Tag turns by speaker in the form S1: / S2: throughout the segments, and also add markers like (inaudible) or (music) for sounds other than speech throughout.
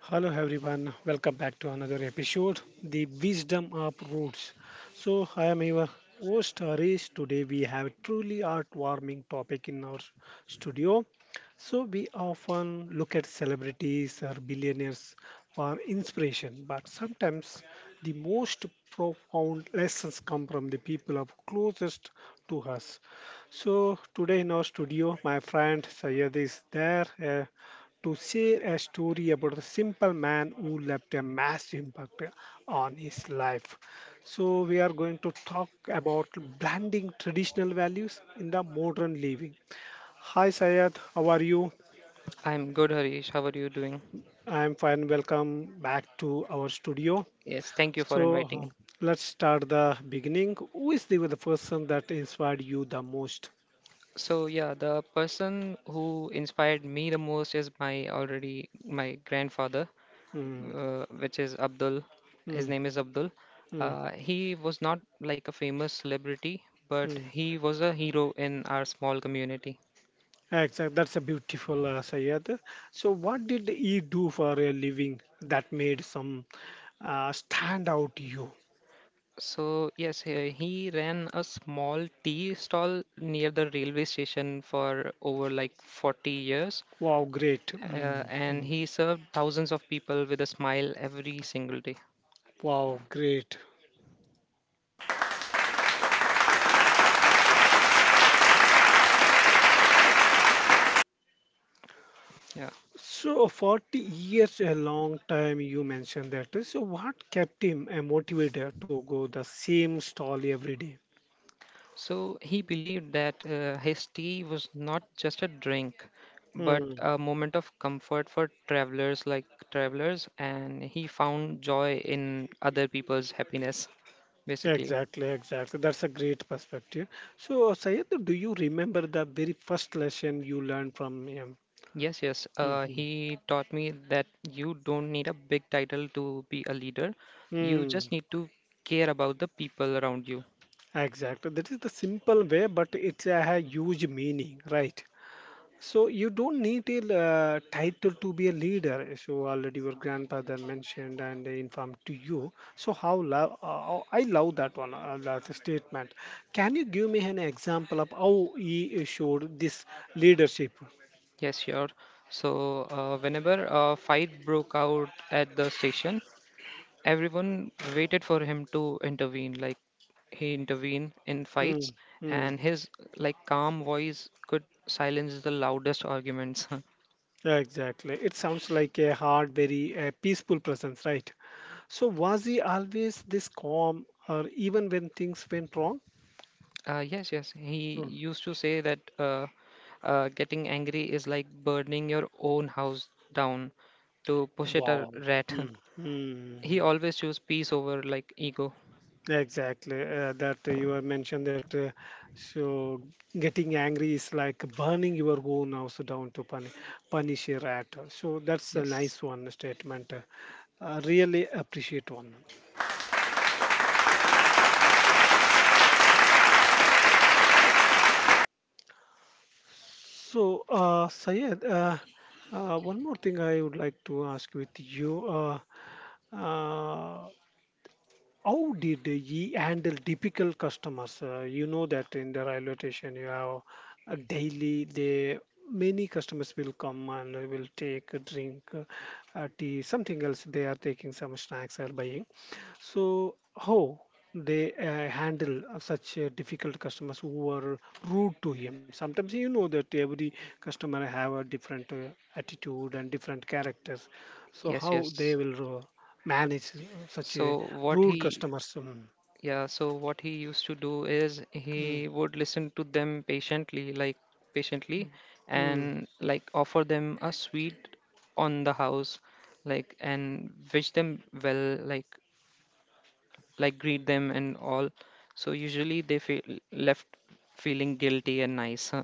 S1: Hello everyone, welcome back to another episode, The Wisdom of Roots. So I am your host Harish. Today we have a truly heartwarming topic in our studio. So we often look at celebrities or billionaires for inspiration, but sometimes the most profound lessons come from the people of closest to us. So today in our studio, my friend Sayed is there to share a story about a simple man who left a massive impact on his life. So, we are going to talk about blending traditional values in the modern living. Hi, Sayed, how are you?
S2: I'm good, Harish. How are you doing?
S1: I'm fine. Welcome back to our studio.
S2: Yes, thank you for
S1: So,
S2: inviting.
S1: let's start the beginning. Who is the person that inspired you the most?
S2: So yeah, the person who inspired me the most is my already my grandfather,
S1: Hmm,
S2: which is Abdul. His
S1: hmm,
S2: name is Abdul.
S1: hmm,
S2: He was not like a famous celebrity, but
S1: hmm.
S2: he was a hero in our small community.
S1: Exactly. That's a beautiful Sayed. So, what did he do for a living that made some stand out to you?
S2: So yes, he ran a small tea stall near the railway station for over like 40 years.
S1: Wow, great. Mm,
S2: And
S1: mm.
S2: he served thousands of people with a smile every single day.
S1: Wow, great.
S2: Yeah.
S1: So, 40 years, a long time you mentioned that. So, what kept him motivated to go the same stall every day?
S2: So he believed that his tea was not just a drink, but
S1: Mm,
S2: a moment of comfort for travelers, and he found joy in other people's happiness, basically.
S1: exactly, exactly. That's a great perspective. So, Sayed, do you remember the very first lesson you learned from him?
S2: Yes, yes. He taught me that you don't need a big title to be a leader. You
S1: Hmm.
S2: just need to care about the people around you.
S1: Exactly. That is the simple way, but it has huge meaning, right? So you don't need a title to be a leader. So already your grandfather mentioned and informed to you. So how love? I love that one. That statement. Can you give me an example of how he showed this leadership?
S2: Yes, sure. Whenever a fight broke out at the station, everyone waited for him to intervene. He intervened in
S1: Mm,
S2: fights,
S1: mm,
S2: and his like calm voice could silence the loudest arguments. (laughs)
S1: exactly. It sounds like a hard, very peaceful presence, right? So was he always this calm, or even when things went wrong?
S2: Yes, yes. He
S1: Hmm.
S2: used to say that getting angry is like burning your own house down to push it a
S1: Wow.
S2: rat.
S1: Hmm,
S2: (laughs) He
S1: hmm.
S2: always chose peace over like ego.
S1: Exactly. That you have mentioned that so Getting angry is like burning your own house down to punish your rat. So that's a
S2: Yes,
S1: nice one statement. I really appreciate one. So, Sayed, one more thing I would like to ask with you. Uh, uh, How did ye handle typical customers? You know that in the railway station you have a daily they many customers will come and they will take a drink, tea, something else. They are taking some snacks or buying. So how they handle such difficult customers who were rude to him? Sometimes you know that every customer have a different attitude and different characters. So
S2: yes,
S1: how
S2: yes.
S1: they will manage such a
S2: So what
S1: rude
S2: he
S1: customers. Mm,
S2: Yeah, so what he used to do is
S1: mm,
S2: he would listen to them patiently,
S1: mm.
S2: and like offer them a sweet on the house, like and wish them well, like greet them and all. So usually they feel left feeling guilty and nice. Huh?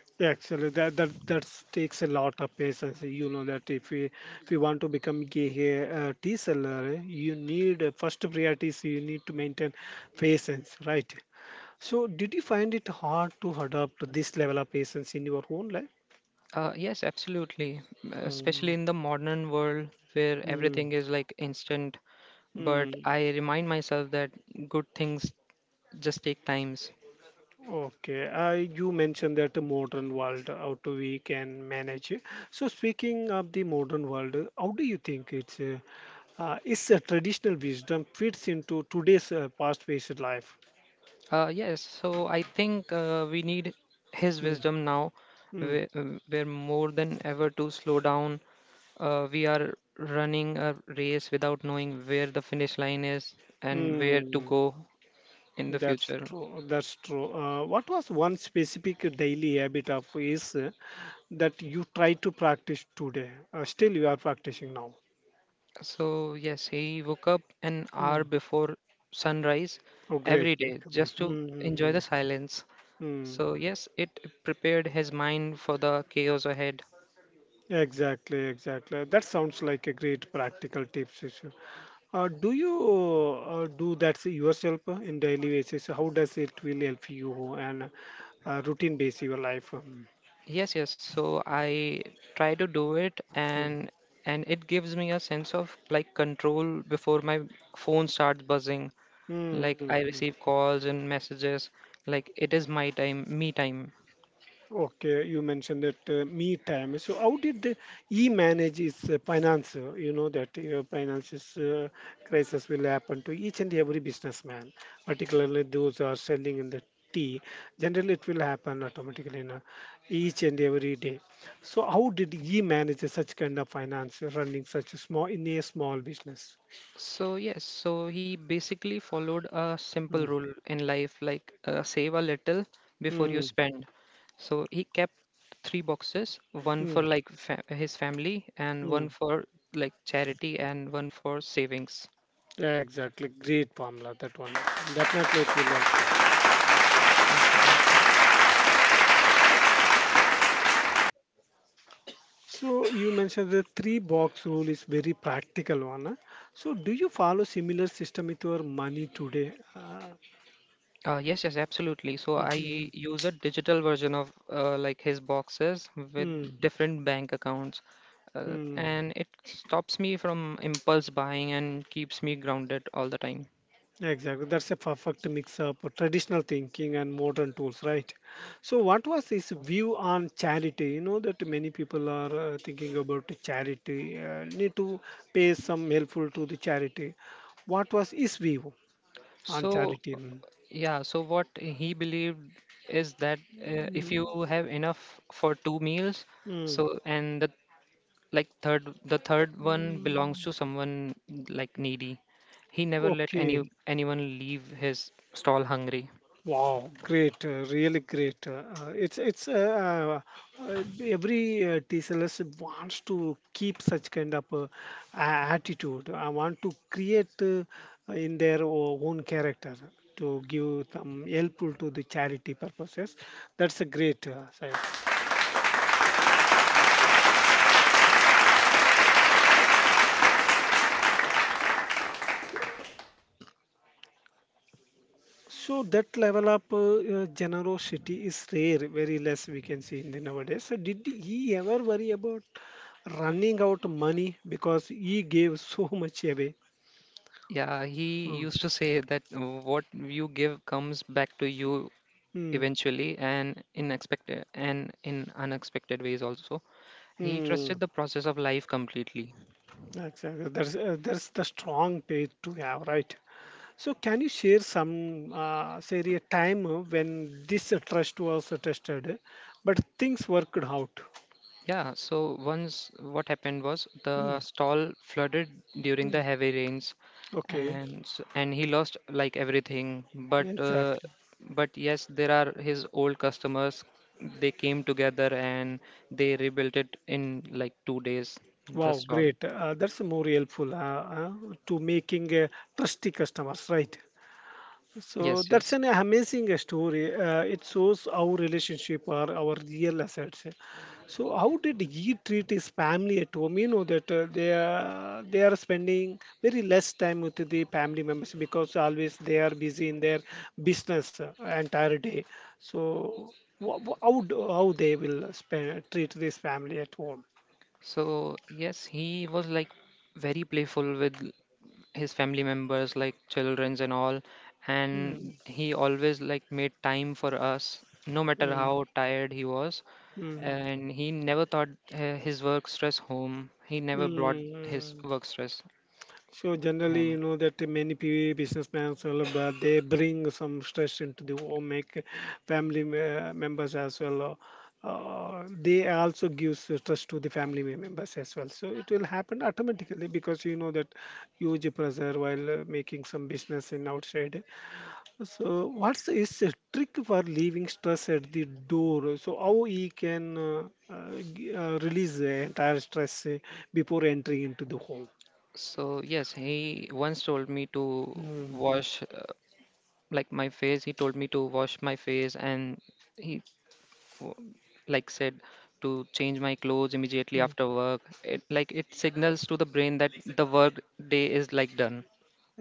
S1: Actually, that takes a lot of patience. You know that if you want to become a tea seller, eh, you need first priority is you need to maintain patience, right? So, did you find it hard to adopt this level of patience in your own life?
S2: Yes, absolutely. Especially
S1: Mm,
S2: in the modern world where
S1: mm,
S2: everything is like instant. But
S1: mm.
S2: I remind myself that good things just take times.
S1: Okay, I you mentioned that the modern world, how do we can manage it. So speaking of the modern world, how do you think it's is a traditional wisdom fits into today's fast-paced life?
S2: Yes, so I think we need his
S1: Mm,
S2: wisdom now.
S1: mm,
S2: We're, we're more than ever to slow down. We are running a race without knowing where the finish line is and where to
S1: mm.
S2: go in the
S1: That's
S2: future.
S1: true. That's true. What was one specific daily habit of is that you try to practice today? Still, you are practicing now.
S2: So, yes, he woke up an
S1: Mm.
S2: hour before sunrise
S1: Oh, great.
S2: every day just to enjoy
S1: Mm-hmm.
S2: the silence. So, yes, it prepared his mind for the chaos ahead.
S1: Exactly, exactly. That sounds like a great practical tips. Sishu. Do you do that yourself in daily basis? How does it will help you and routine base your life?
S2: Yes, yes. So I try to do it
S1: Mm.
S2: and it gives me a sense of like control before my phone starts buzzing. Like I
S1: Mm.
S2: receive calls and messages like it is me time.
S1: Okay, you mentioned that me time. So how did the he manage his finance? You know that finances crisis will happen to each and every businessman, particularly those who are selling in the tea. Generally, it will happen automatically in each and every day. So how did he manage such kind of finance running such a small business?
S2: So yes, so he basically followed a simple
S1: Mm.
S2: rule in life like save a little before you
S1: Mm.
S2: spend. So he kept three boxes, one
S1: Mm.
S2: for like his family and
S1: Mm.
S2: one for like charity and one for savings.
S1: Exactly, great formula that one. Definitely, it will help.
S2: Thank you. Thank you.
S1: So you mentioned the three box rule is very practical one. Huh? So do you follow similar system with your money today?
S2: Yes, yes, absolutely. So I
S1: Mhm.
S2: use a digital version of like his boxes with
S1: Mm,
S2: different bank accounts,
S1: mm.
S2: and it stops me from impulse buying and keeps me grounded all the time.
S1: Exactly. That's a perfect mix up of traditional thinking and modern tools, right? So what was his view on charity? You know that many people are thinking about the charity, need to pay some helpful to the charity. What was his view on
S2: So
S1: charity? Mm.
S2: yeah, so what he believed is that if you have enough for two meals,
S1: Mm.
S2: so and the like third the third one
S1: Mm.
S2: belongs to someone like needy. He never let
S1: Okay.
S2: anyone leave his stall hungry.
S1: Wow, great, really great. It's every TCLS wants to keep such kind of a- attitude. I want to create in their own character to give some helpful to the charity purposes. That's a great, Syed. So that level of generosity is rare, very less we can see in the nowadays. So did he ever worry about running out money because he gave (laughs) so much away?
S2: Yeah, he
S1: Mm.
S2: used to say that what you give comes back to you
S1: Mm.
S2: eventually and in expected and in unexpected ways also. He
S1: Mm.
S2: trusted the process of life completely.
S1: That's the strong page to have, right? So can you share some, say, a time when this trust was tested, but things worked out?
S2: Yeah, so once what happened was the
S1: Mm.
S2: stall flooded during the
S1: Mm.
S2: heavy rains
S1: Okay,
S2: and he lost like everything but uh,
S1: exactly.
S2: but yes there are his old customers, they came together and they rebuilt it in like 2 days, the
S1: Wow,
S2: stall.
S1: great. That's more helpful to making trusty customers, right? So
S2: Yes,
S1: that's
S2: yes.
S1: an amazing story. It shows our relationship are our real assets. So how did he treat his family at home? You know that they are spending very less time with the family members because always they are busy in their business entire day. So how they will spend treat this family at home?
S2: So, yes, he was like very playful with his family members, like childrens and all.
S1: Mm,
S2: And he always like made time for us, no matter
S1: mm.
S2: how tired he was.
S1: Mm,
S2: And he never thought his work stress home. He never brought his
S1: mm.
S2: work stress
S1: So generally, you
S2: home.
S1: know that many PE businessmen, well, but they bring some stress into the home, make family members as well. They also give stress to the family members as well. So it will happen automatically because you know that huge pressure while making some business in outside. So, what's is a trick for leaving stress at the door? So, how he can release the entire stress before entering into the home?
S2: So, yes, he once told me to
S1: Mm,
S2: wash like my face. He told me to wash my face and he w- said to change my clothes immediately
S1: mm.
S2: after work, it like it signals to the brain that the work day is like done.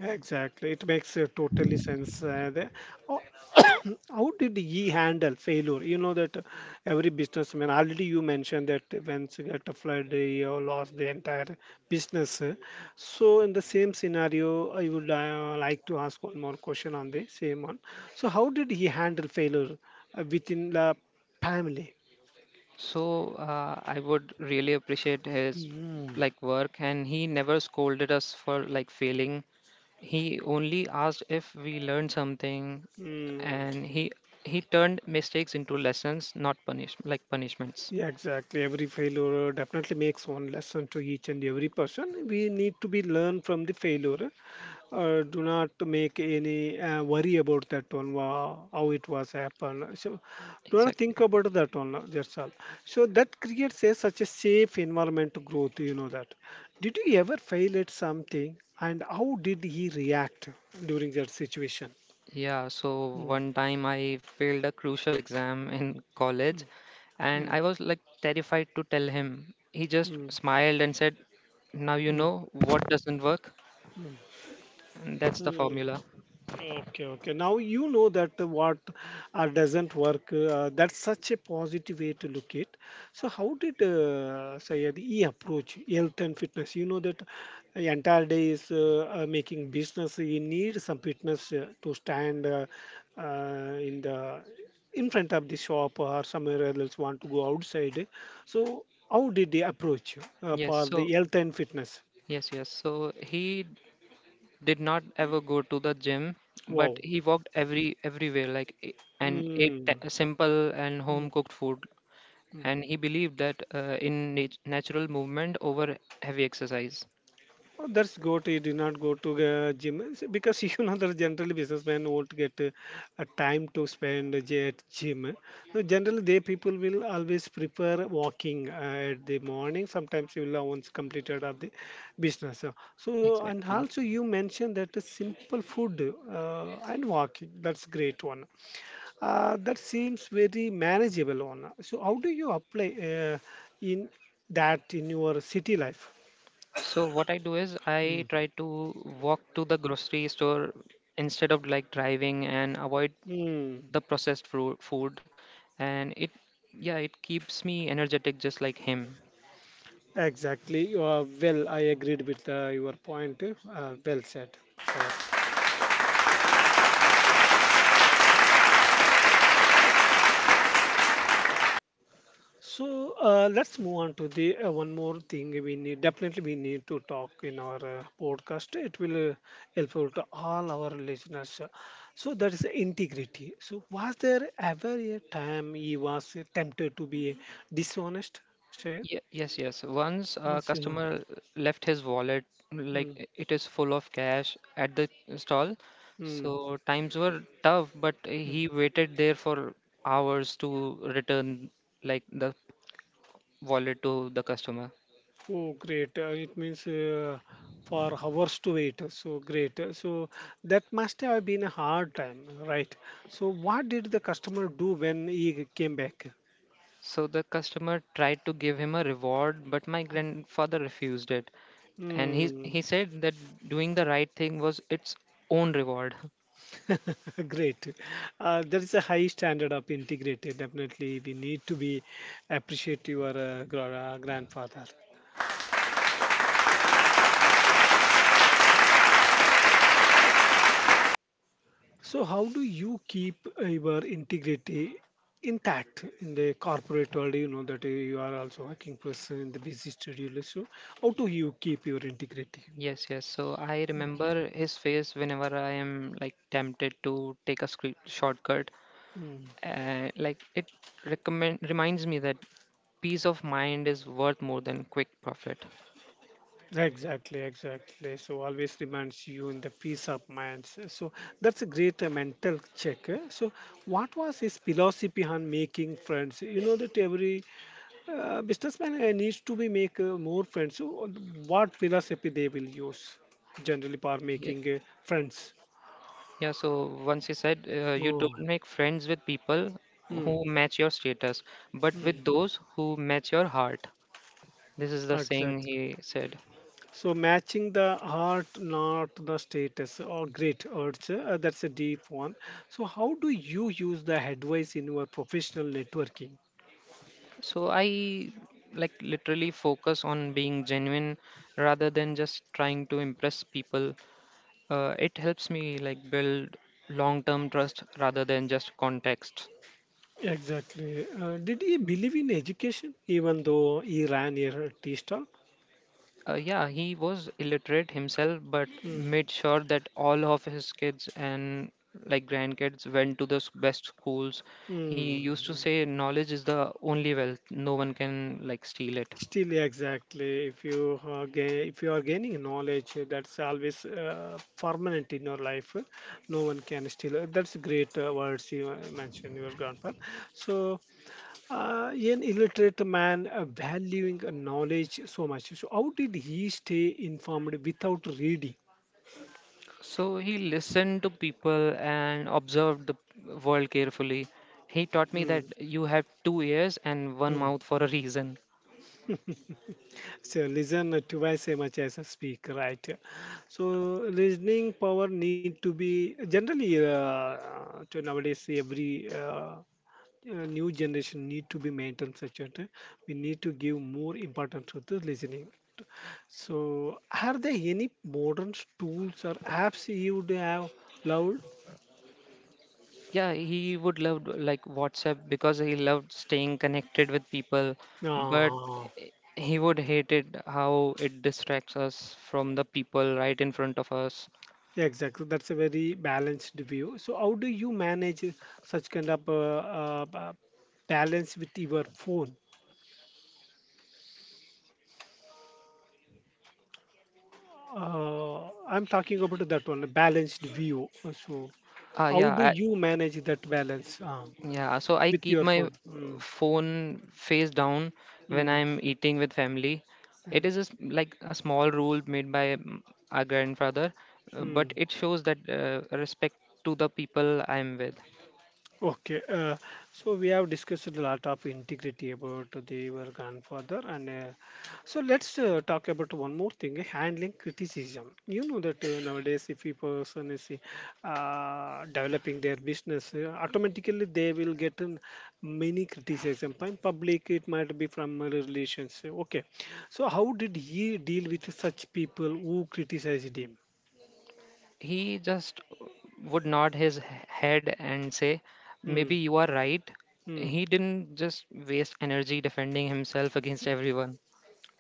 S1: Exactly, it makes totally sense. O- how did he handle failure? You know that every businessman already you mentioned that once you get a flood, you lost the entire business. So in the same scenario, I would like to ask one more question on the same one. So how did he handle failure within the family?
S2: So I would really appreciate his
S1: Mm.
S2: like work, and he never scolded us for like failing. He only asked if we learned something,
S1: Mm,
S2: and he turned mistakes into lessons, not punishments.
S1: yeah, exactly. Every failure definitely makes one lesson to each and every person. We need to be learn from the failure. Do not make any worry about that one. Wow, how it was happen, so do not
S2: Exactly.
S1: think about that one, that's all. So that creates a, such a safe environment to growth. You know that, did you ever fail at something and how did he react during that situation?
S2: Yeah, so
S1: Mm,
S2: one time I failed a crucial exam (laughs) in
S1: mm,
S2: college
S1: mm,
S2: and I was like terrified to tell him. He just
S1: mm,
S2: smiled and said, "Now you know what doesn't work."
S1: mm, mm,
S2: And that's the
S1: mm.
S2: formula.
S1: Okay, okay. Now you know that what doesn't work. That's such a positive way to look at. So how did Syed E approach health and fitness? You know that the entire day is making business. You need some fitness to stand in the in front of the shop or somewhere else want to go outside. So how did they approach
S2: Yes,
S1: for
S2: so,
S1: the health and fitness?
S2: yes, yes. So he did not ever go to the gym, but
S1: Wow.
S2: he walked everywhere and ate
S1: Mm.
S2: simple and home cooked food.
S1: Mm.
S2: And he believed that in natural movement over heavy exercise.
S1: Oh, that's good. He did not go to gym. It's because (laughs) you know that generally businessmen won't get a time to spend at gym. So generally, they people will always prefer walking at the morning. Sometimes you will once completed of the business. So and
S2: Exactly.
S1: also you mentioned that the simple food and walking. That's great one. That seems very manageable one. So how do you apply in that in your city life?
S2: So what I do is I
S1: Mm.
S2: try to walk to the grocery store instead of like driving and avoid
S1: Mm.
S2: the processed fru food and it yeah it keeps me energetic just like him.
S1: Exactly. Well, I agreed with your point. Well said, Syed. So let's move on to the one more thing we need. Definitely, we need to talk in our podcast. It will helpful to all our listeners. So that is integrity. So was there ever a time he was tempted to be dishonest, Syed?
S2: Ye Yes, yes. Once a
S1: Once,
S2: customer left his wallet like
S1: mm,
S2: it is full of cash at the stall.
S1: mm,
S2: So times were tough, but
S1: mm.
S2: he waited there for hours to return like the wallet to the customer.
S1: Oh, great. It means for hours to wait. So great. So that must have been a hard time, right? So what did the customer do when he came back?
S2: So the customer tried to give him a reward, but my grandfather refused it. And
S1: Hmm.
S2: he said that doing the right thing was its own reward. (laughs)
S1: (laughs) Great. There is a high standard of integrity. Definitely, we need to be appreciate your grandfather. So, how do you keep your integrity intact in the corporate world? You know that you are also a working person in the busy schedule. So, how do you keep your integrity?
S2: Yes, yes. So I remember his face whenever I am like tempted to take a scre shortcut.
S1: Mm.
S2: Like it recommend reminds me that peace of mind is worth more than quick profit.
S1: Exactly, exactly. So always reminds you in the peace of mind. So that's a great mental check. Eh. So what was his philosophy on making friends? You know that every businessman needs to be make more friends. So, what philosophy they will use generally for
S2: Yeah.
S1: making friends?
S2: Yeah, so once you said you don't
S1: Oh.
S2: make friends with people
S1: Hmm.
S2: who match your status, but
S1: Hmm.
S2: with those who match your heart. This is the saying
S1: Exactly.
S2: he said.
S1: So matching the heart, not the status or great urge. That's a deep one. So how do you use the advice in your professional networking?
S2: So I like literally focus on being genuine rather than just trying to impress people. It helps me like build long-term trust rather than just context.
S1: Exactly. Did he believe in education even though he ran a tea stall?
S2: Yeah, he was illiterate himself, but
S1: Hmm.
S2: made sure that all of his kids and like grandkids went to the best schools. He
S1: Hmm.
S2: used to say, "Knowledge is the only wealth. No one can like steal it."
S1: Still, yeah, exactly. If you are gaining knowledge, that's always permanent in your life. No one can steal. That's great words you mentioned, your grandfather. So, an illiterate man valuing knowledge so much. So, how did he stay informed without reading?
S2: So he listened to people and observed the world carefully. He taught
S1: Hmm.
S2: me that you have two ears and one
S1: Hmm.
S2: mouth for a reason.
S1: So listen twice as much as a speak, right? So listening power need to be generally to nowadays every new generation need to be maintained such that we need to give more importance to the listening. So are there any modern tools or apps you would have loved?
S2: Yeah, he would love like WhatsApp because he loved staying connected with people, but
S1: Uh.
S2: eh, he would hate it how it distracts us from the people right in front of us.
S1: Yeah, exactly. That's a very balanced view. So, how do you manage such kind of uh, ba- balance with your phone? I'm talking about that one, a balanced view. So,
S2: Ah,
S1: how
S2: yeah,
S1: do
S2: I,
S1: you manage that balance
S2: yeah. So I
S1: with
S2: keep
S1: your
S2: my
S1: phone? Mm,
S2: phone face down when
S1: mm,
S2: I'm eating with family. It
S1: mm,
S2: is a s like a small rule made by our grandfather, but
S1: mm.
S2: it shows that respect to the people I'm with.
S1: Okay, so we have discussed a lot of integrity about the our grandfather, and so let's talk about one more thing: handling criticism. You know that nowadays, if a person is developing their business, automatically they will get an many criticism from public. It might be from relations. Okay, so how did he deal with such people who criticized him?
S2: He just would nod his head and say,
S1: Hmm.
S2: "Maybe you are right."
S1: Hmm.
S2: He didn't just waste energy defending himself against everyone.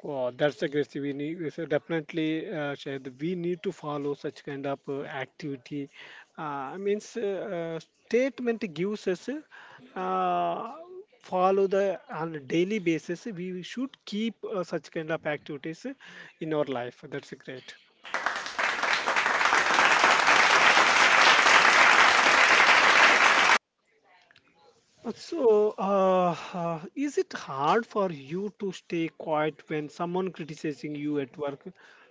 S1: Wow, that's aggressive. We should definitely share. We need to follow such kind of activity. Means uh, statement gives us uh, follow the on a daily basis. We should keep such kind of activities in our life. That's great. So, is it hard for you to stay quiet when someone criticizing you at work?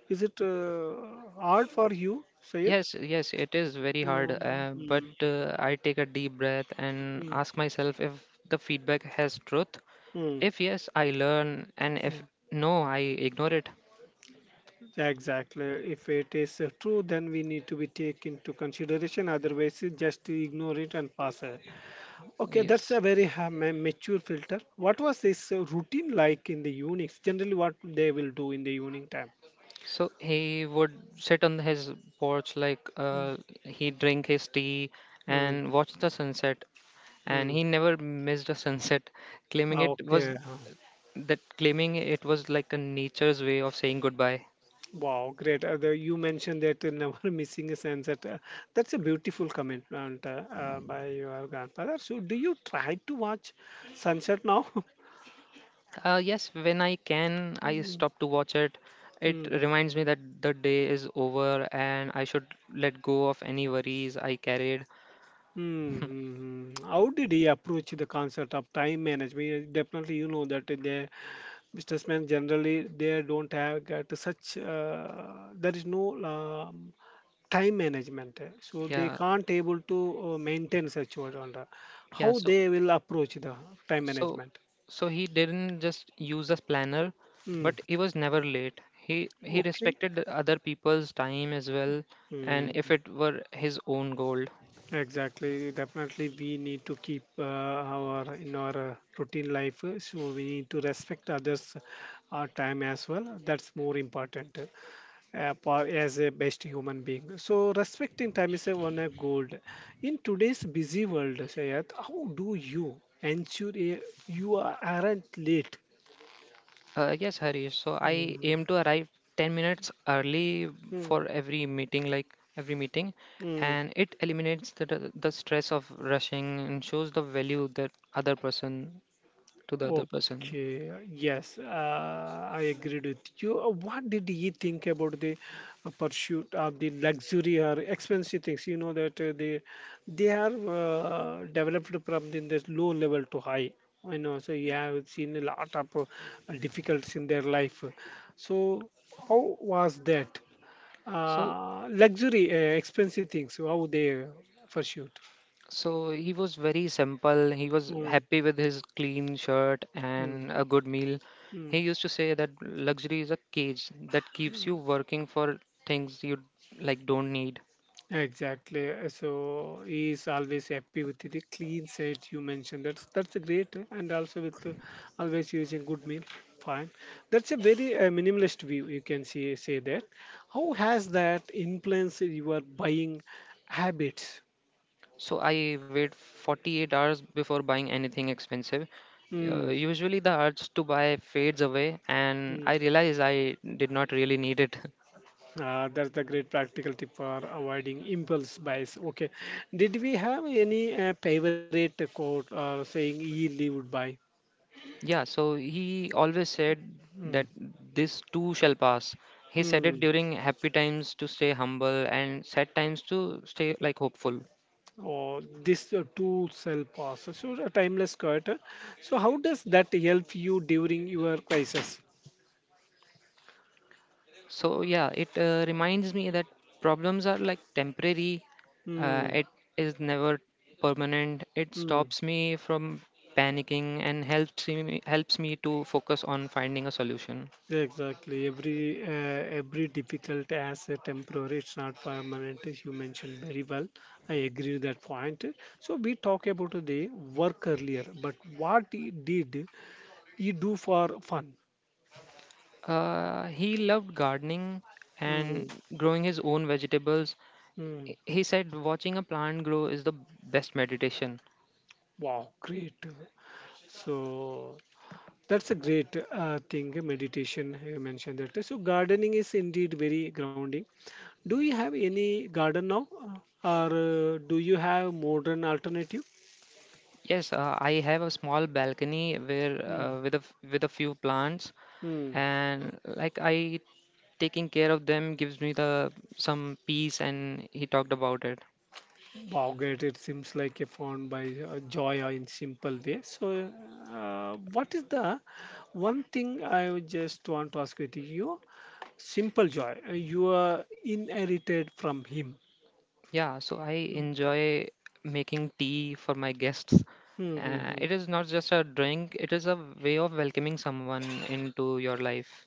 S1: Is it hard for you, Sayed?
S2: Yes, yes, it is very hard,
S1: Uh.
S2: but I take a deep breath and
S1: Mm,
S2: ask myself if the feedback has truth.
S1: mm,
S2: If yes, I learn, and if
S1: mm.
S2: no, I ignore it.
S1: Exactly. If it is true, then we need to be take into consideration. Otherwise, you just ignore it and pass it. Okay, that's
S2: Yes.
S1: a very mature filter. What was this routine like in the Unix? Generally, what they will do in the evening time?
S2: So he would sit on his porch,
S1: Mm,
S2: he'd drink his tea
S1: mm,
S2: and watch the sunset. And
S1: mm.
S2: he never missed a sunset, claiming
S1: Ah,
S2: it was
S1: okay. Ah.
S2: that claiming it was like a nature's way of saying goodbye.
S1: Wow, great. You mentioned that never (laughs) missing a sunset. That's a beautiful comment and, by your grandfather. So, do you try to watch sunset now? (laughs)
S2: Yes, when I can, I
S1: Mm,
S2: stop to watch it. It
S1: mm.
S2: reminds me that the day is over and I should let go of any worries I carried.
S1: Hmm. How did he approach the concept of time management? Yeah, definitely, you know that the businessmen generally they don't have got such. There is no time management, eh, so they
S2: Yeah,
S1: can't able to maintain such what under.
S2: yeah.
S1: How
S2: So,
S1: they will approach the time
S2: so,
S1: management?
S2: so he didn't just use a planner,
S1: Mm.
S2: but he was never late. He
S1: Okay.
S2: respected the other people's time as well, and
S1: Hmm.
S2: if it were his own goal.
S1: Exactly. Definitely, we need to keep our in our routine life. So we need to respect others' time as well. That's more important as a best human being. So respecting time is a one of gold. In today's busy world, Sayat, how do you ensure you aren't late?
S2: Yes, Harish. So I
S1: Mm.
S2: aim to arrive 10 minutes early for every meeting,
S1: Mm.
S2: and it eliminates the stress of rushing and shows the value that other person to the other person.
S1: Okay, yes, I agreed with you. What did he think about the pursuit of the luxury or expensive things? You know that they are developed from the low level to high. I know, so you have seen a lot of difficulties in their life. So how was that?
S2: So
S1: Luxury, expensive things, how they pursued?
S2: so he was very simple. He was
S1: Mm,
S2: happy with his clean shirt
S1: mm,
S2: and a good meal. He
S1: mm.
S2: used to say that luxury is a cage that keeps you working for things you like don't need.
S1: Exactly. So he is always happy with the clean set you mentioned. That's a great, and also with always using good meal. Fine. That's a very minimalist view. You can see say that. How has that influenced your buying habits?
S2: So I wait 48 hours before buying anything expensive.
S1: Mm.
S2: Usually the urge to buy fades away and
S1: Mm.
S2: I realize I did not really need it. (laughs)
S1: That's the great practical tip for avoiding impulse buys. Okay. Did we have any favorite quote or saying he lived by?
S2: Yeah, so he always said
S1: Mm.
S2: that this too shall pass. He said it
S1: Mm.
S2: during happy times to stay humble and sad times to stay like hopeful.
S1: Or this tools help us. So a timeless cut. So how does that help you during your crisis?
S2: So yeah, it reminds me that problems are like temporary. Uh,
S1: Hmm.
S2: it is never permanent. It
S1: Hmm.
S2: stops me from panicking and helps me to focus on finding a solution.
S1: Exactly. Every difficult as a temporary, it's not permanent. As you mentioned very well, I agree with that point. So we talk about the work earlier, but what he did, you do for fun.
S2: He loved gardening
S1: Hmm.
S2: and growing his own vegetables.
S1: Hmm.
S2: He said watching a plant grow is the best meditation.
S1: Wow, great. So that's a great thing, meditation. You mentioned that. So, gardening is indeed very grounding. Do you have any garden now, or do you have modern alternative?
S2: Yes, I have a small balcony where
S1: Mm.
S2: with a f- with a few plants,
S1: Mm.
S2: and like I taking care of them gives me the some peace and he talked about it
S1: Wow, great. It seems like a found by joy in simple way. So, what is the one thing I would just want to ask with you? Simple joy. You are inherited from him.
S2: I
S1: Mm.
S2: enjoy making tea for my guests.
S1: Hmm, hmm, hmm.
S2: It is not just a drink, it is a way of welcoming someone into your life.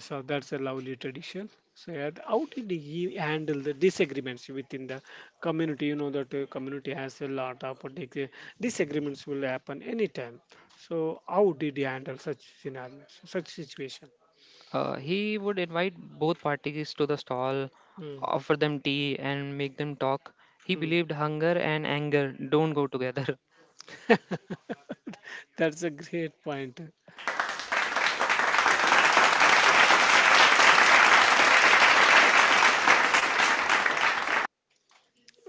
S1: So that's a lovely tradition. So yeah, how did he handle the disagreements within the community? You know that the community has a lot of dis- disagreements will happen anytime. So how did he handle such scenarios, such situation?
S2: He would invite both parties to the stall,
S1: Mm,
S2: offer them tea, and make them talk. He
S1: mm.
S2: believed hunger and anger don't go together. (laughs)
S1: That's a great point.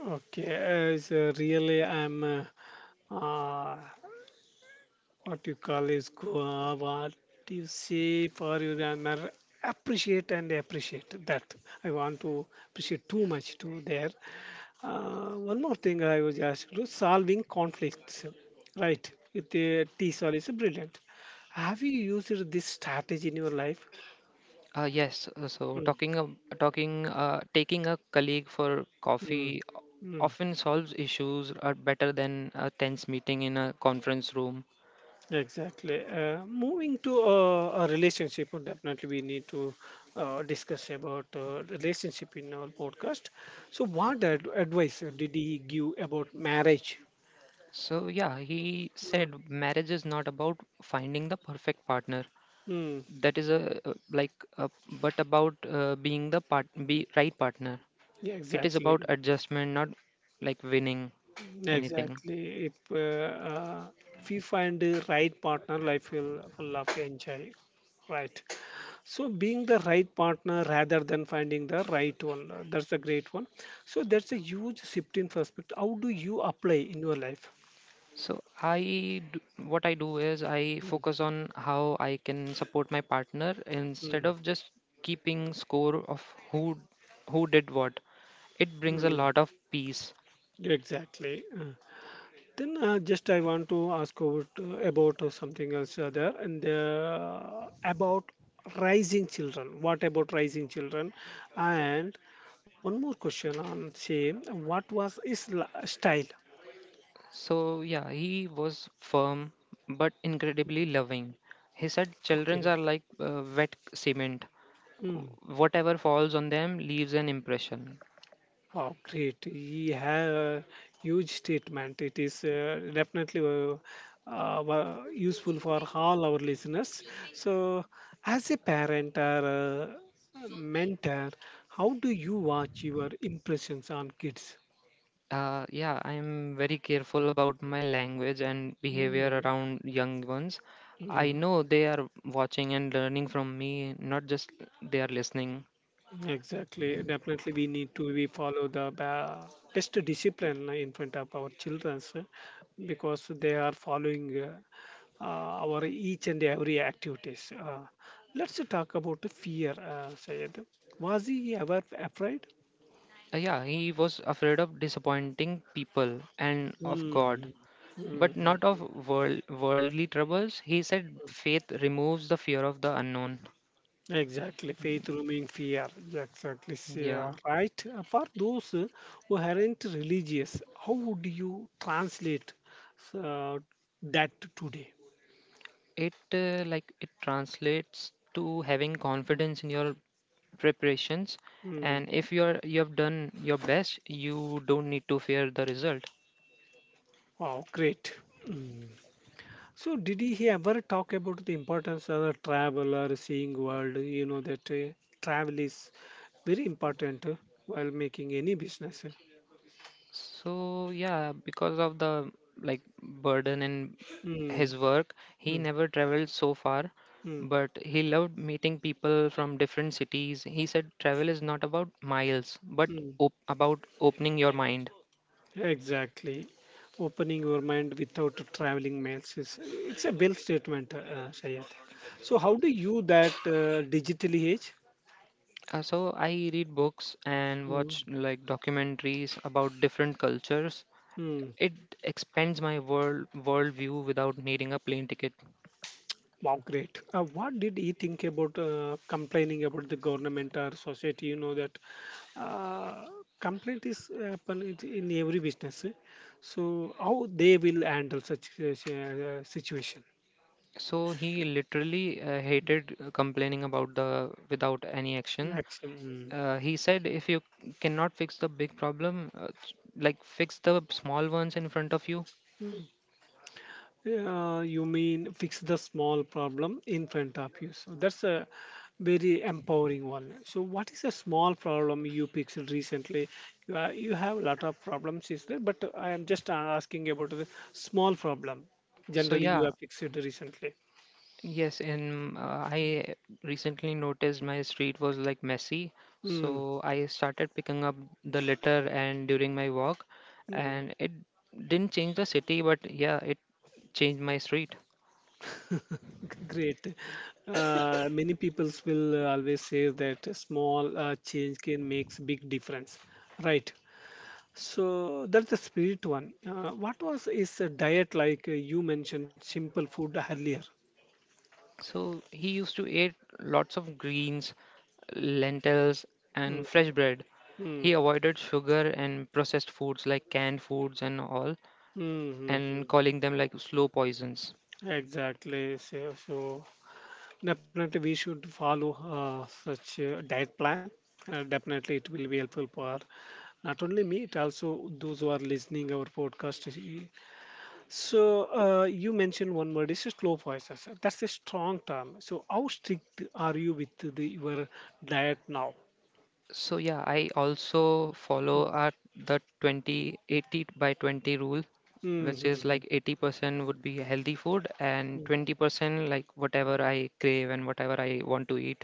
S1: Okay, so really I'm uh, what you call is go, what you say for your grammar appreciate and appreciate that I want to appreciate too much to there, one more thing I was asked to do, solving conflicts right with the t sol is brilliant. Have you used this strategy in your life?
S2: Yes, so
S1: Mm,
S2: talking ab- talking taking a colleague for
S1: mm,
S2: coffee o-
S1: mm.
S2: often solves issues, are better than a tense meeting in a conference room.
S1: Exactly. Moving to a relationship, definitely we need to discuss about relationship in our podcast. So, what advice did he give about marriage?
S2: So yeah, he
S1: Mm.
S2: said marriage is not about finding the perfect partner.
S1: Mm.
S2: That is a but about being the part be right partner.
S1: Yeah,
S2: It is about
S1: exactly.
S2: adjustment, not like winning anything.
S1: Exactly. If we find the right partner, life will full of enjoy. Right. So being the right partner rather than finding the right one, that's a great one. So that's a huge shift in perspective. How do you apply in your life?
S2: So what I do is I focus on how I can support my partner instead
S1: Mm.
S2: of just keeping score of who who did what. It brings a
S1: Mm.
S2: lot of peace.
S1: Exactly. Then just I want to ask about something else there and about raising children. What about raising children? And one more question on same. What was his style?
S2: So yeah, he was firm but incredibly loving. He said
S1: Okay.
S2: children are like wet cement.
S1: Hmm.
S2: Whatever falls on them leaves an impression.
S1: Oh, great. He had a huge statement. It is definitely useful for all our listeners. So, as a parent or a mentor, how do you watch your impressions on kids?
S2: Yeah, I'm very careful about my language and behavior
S1: Mm,
S2: around young ones. I
S1: mm.
S2: know they are watching and learning from me, not just they are listening.
S1: Exactly. Definitely, we need to we follow the best discipline in front of our children because they are following our each and every activities. Let's talk about the fear, Sayed. Was he ever afraid?
S2: Yeah, he was afraid of disappointing people and of
S1: Hmm.
S2: God,
S1: Hmm.
S2: but not of worldly troubles. He said faith removes the fear of the unknown.
S1: Exactly, faith rooming fear. Exactly, sir.
S2: Yeah,
S1: Right. For those who aren't religious, how would you translate uh, that today?
S2: it translates to having confidence in your preparations, and
S1: Mm.
S2: if you have done your best, you don't need to fear the result.
S1: Wow, great. Mm. So, did he ever talk about the importance of the travel or seeing world? You know that travel is very important while making any business.
S2: So yeah, because of the like burden in his
S1: Mm,
S2: work, he
S1: mm,
S2: never traveled so far,
S1: mm,
S2: but he loved meeting people from different cities. He said travel is not about miles, but
S1: mm.
S2: about opening your mind.
S1: Exactly. Opening your mind without traveling mails is it's a bill statement, Sayed. So, how do you that digitally age?
S2: So I read books and watch
S1: Mm,
S2: like documentaries about different cultures.
S1: mm.
S2: It expands my worldview without needing a plane ticket.
S1: Wow, great. What did he think about complaining about the government or society? You know that uh, complaint is happen in every business. So how they will handle such situation?
S2: So he literally hated complaining about the without any action.
S1: Action.
S2: He said, if you cannot fix the big problem, fix the small ones in front of you.
S1: Mm. You mean fix the small problem in front of you. So that's a very empowering one. So what is a small problem you fixed recently? You have a lot of problems, is there? But I am just asking about the small problem.
S2: So
S1: Generally, you
S2: yeah,
S1: have fixed it recently.
S2: yes, and I recently noticed my street was like messy.
S1: Mm,
S2: So I started picking up the litter and during my walk,
S1: mm.
S2: and it didn't change the city, but yeah, it changed my street.
S1: Great. Many people will always say that a small change can makes big difference, right? So that's the spirit one. What was is a diet like? You mentioned simple food earlier.
S2: So he used to eat lots of greens, lentils,
S1: Mm,
S2: and fresh bread.
S1: mm,
S2: He avoided sugar and processed foods like canned foods and all,
S1: mm, mm,
S2: and
S1: mm.
S2: calling them like slow poisons.
S1: Exactly. So definitely we should follow such a diet plan. Definitely it will be helpful for not only me, it also those who are listening our podcast. So you mentioned one word is slow voices. That's a strong term. So how strict are you with your diet now?
S2: I also
S1: Hmm.
S2: follow our the 20 80 by 20 rule, which is
S1: Mm-hmm.
S2: like 80% would be healthy food and 20% like whatever I crave and whatever I want to eat.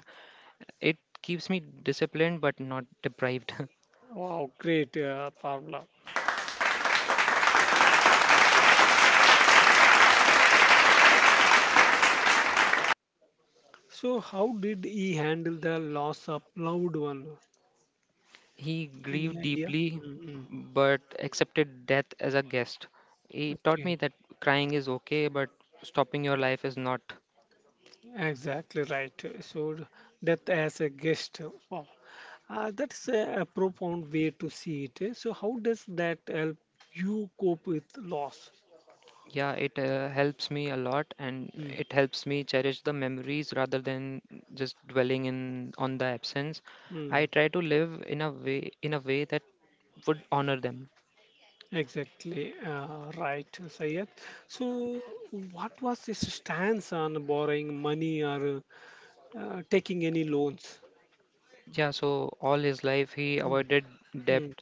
S2: It keeps me disciplined but not deprived. (laughs)
S1: Wow, great, Pavla. So, how did he handle the loss of loved one?
S2: He
S1: Any
S2: grieved
S1: idea?
S2: deeply
S1: Mm-hmm.
S2: but accepted death as a guest. He taught me
S1: Okay,
S2: that crying is okay, but stopping your life is not.
S1: exactly right. So, death as a guest. Wow, that's a profound way to see it. So, how does that help you cope with loss?
S2: Yeah, it helps me a lot, and
S1: Mm,
S2: it helps me cherish the memories rather than just dwelling in on the absence.
S1: mm,
S2: I try to live in a way that would honor them.
S1: exactly right, Sayed. So, what was his stance on borrowing money or taking any loans.
S2: Yeah, so all his life he avoided debt
S1: Mm,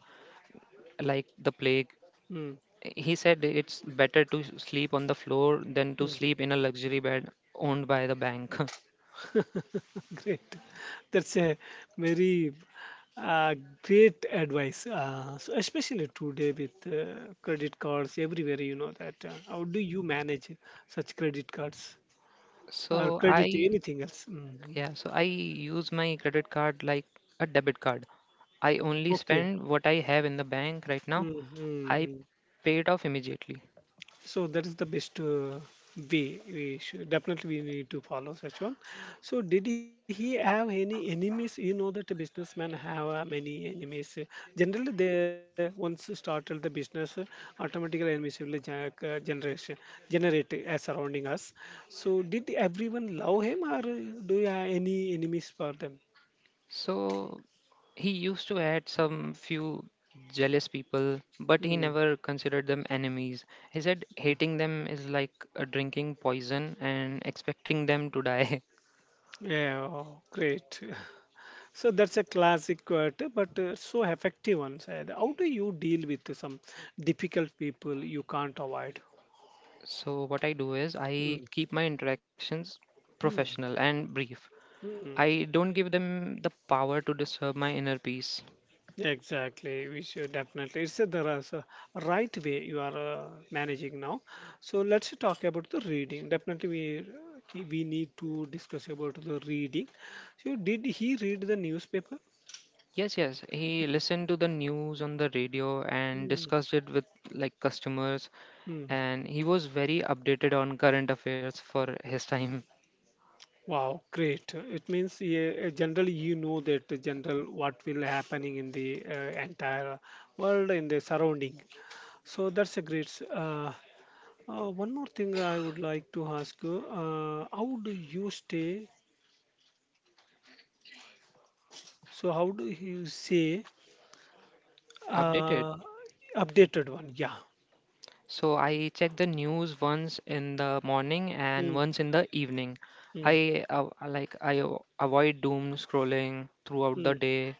S2: like the plague.
S1: mm,
S2: He said it's better to sleep on the floor than to
S1: mm.
S2: sleep in a luxury bed owned by the bank. (laughs)
S1: (laughs) Great. That's a very uh, great advice. So especially today with credit cards everywhere, you know that. How do you manage such credit cards or
S2: So
S1: credit
S2: I,
S1: anything else? Mm, mm.
S2: yeah, so I use my credit card like a debit card. I only
S1: Okay.
S2: spend what I have in the bank right now. I
S1: Mm-hmm.
S2: pay it off immediately.
S1: So that is the best way we should definitely we need to follow such one. So did he have any enemies? You know that a businessman have many enemies. Generally they once started the business, automatically enemies will jack, generation generate as surrounding us. So did everyone love him or do you have any enemies for them?
S2: So he used to add some few jealous people, but he
S1: Hmm.
S2: never considered them enemies. He said hating them is like drinking poison and expecting them to die. (laughs)
S1: Yeah, oh, great. (laughs) So that's a classic t- but so effective one. Syed. How do you deal with some difficult people you can't avoid?
S2: So what I do is I
S1: Mm,
S2: keep my interactions
S1: mm,
S2: professional and brief.
S1: mm.
S2: I don't give them the power to disturb my inner peace.
S1: Exactly, we should definitely. It's a, there is a right way you are managing now. So let's talk about the reading. Definitely, we need to discuss about the reading. So did he read the newspaper?
S2: Yes, yes, he listened to the news on the radio and discussed it with like customers,
S1: Mm.
S2: and he was very updated on current affairs for his time.
S1: Wow, great. It means yeah, generally you know that general what will happening in the entire world in the surrounding. So that's a great. One more thing I would like to ask you: How do you stay? So how do you say
S2: Updated.
S1: uh, updated one? Yeah.
S2: So I check the news once in the morning and
S1: Mm,
S2: once in the evening.
S1: mm,
S2: I avoid doom scrolling throughout the
S1: mm.
S2: day.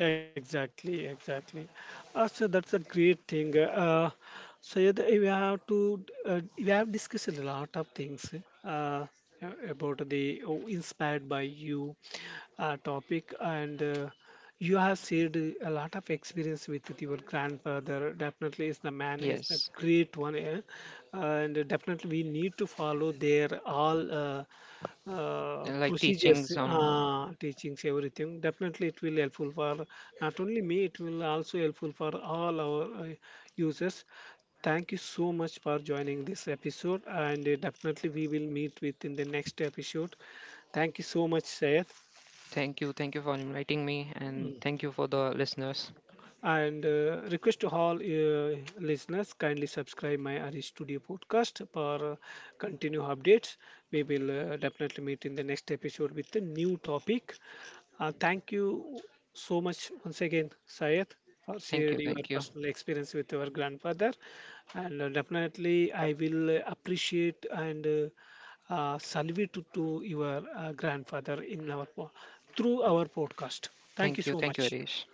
S1: Exactly, exactly. So that's a great thing. So yeah, we have to we have discussed a lot of things uh, about the oh, inspired by you topic, and you have shared a lot of experience with your grandfather. Definitely, is the man is a
S2: Yes.
S1: great one, eh? And definitely we need to follow their all.
S2: Like
S1: Procedures,
S2: teachings and all.
S1: teachings, everything. Definitely, it will helpful for not only me. It will also helpful for all our users. Thank you so much for joining this episode, and definitely we will meet with in the next episode. Thank you so much, Sayed.
S2: Thank you. Thank you for inviting me, and thank you for the listeners.
S1: And request to all listeners kindly subscribe my Ari Studio podcast for continue updates. We will definitely meet in the next episode with a new topic. Thank you so much once again, Syed, for
S2: Thank
S1: sharing
S2: you.
S1: your
S2: Thank you.
S1: personal experience with your grandfather. And definitely, I will appreciate and salute to your grandfather in our through our podcast. Thank you
S2: Thank you.
S1: so
S2: Thank you,
S1: much.
S2: Arish.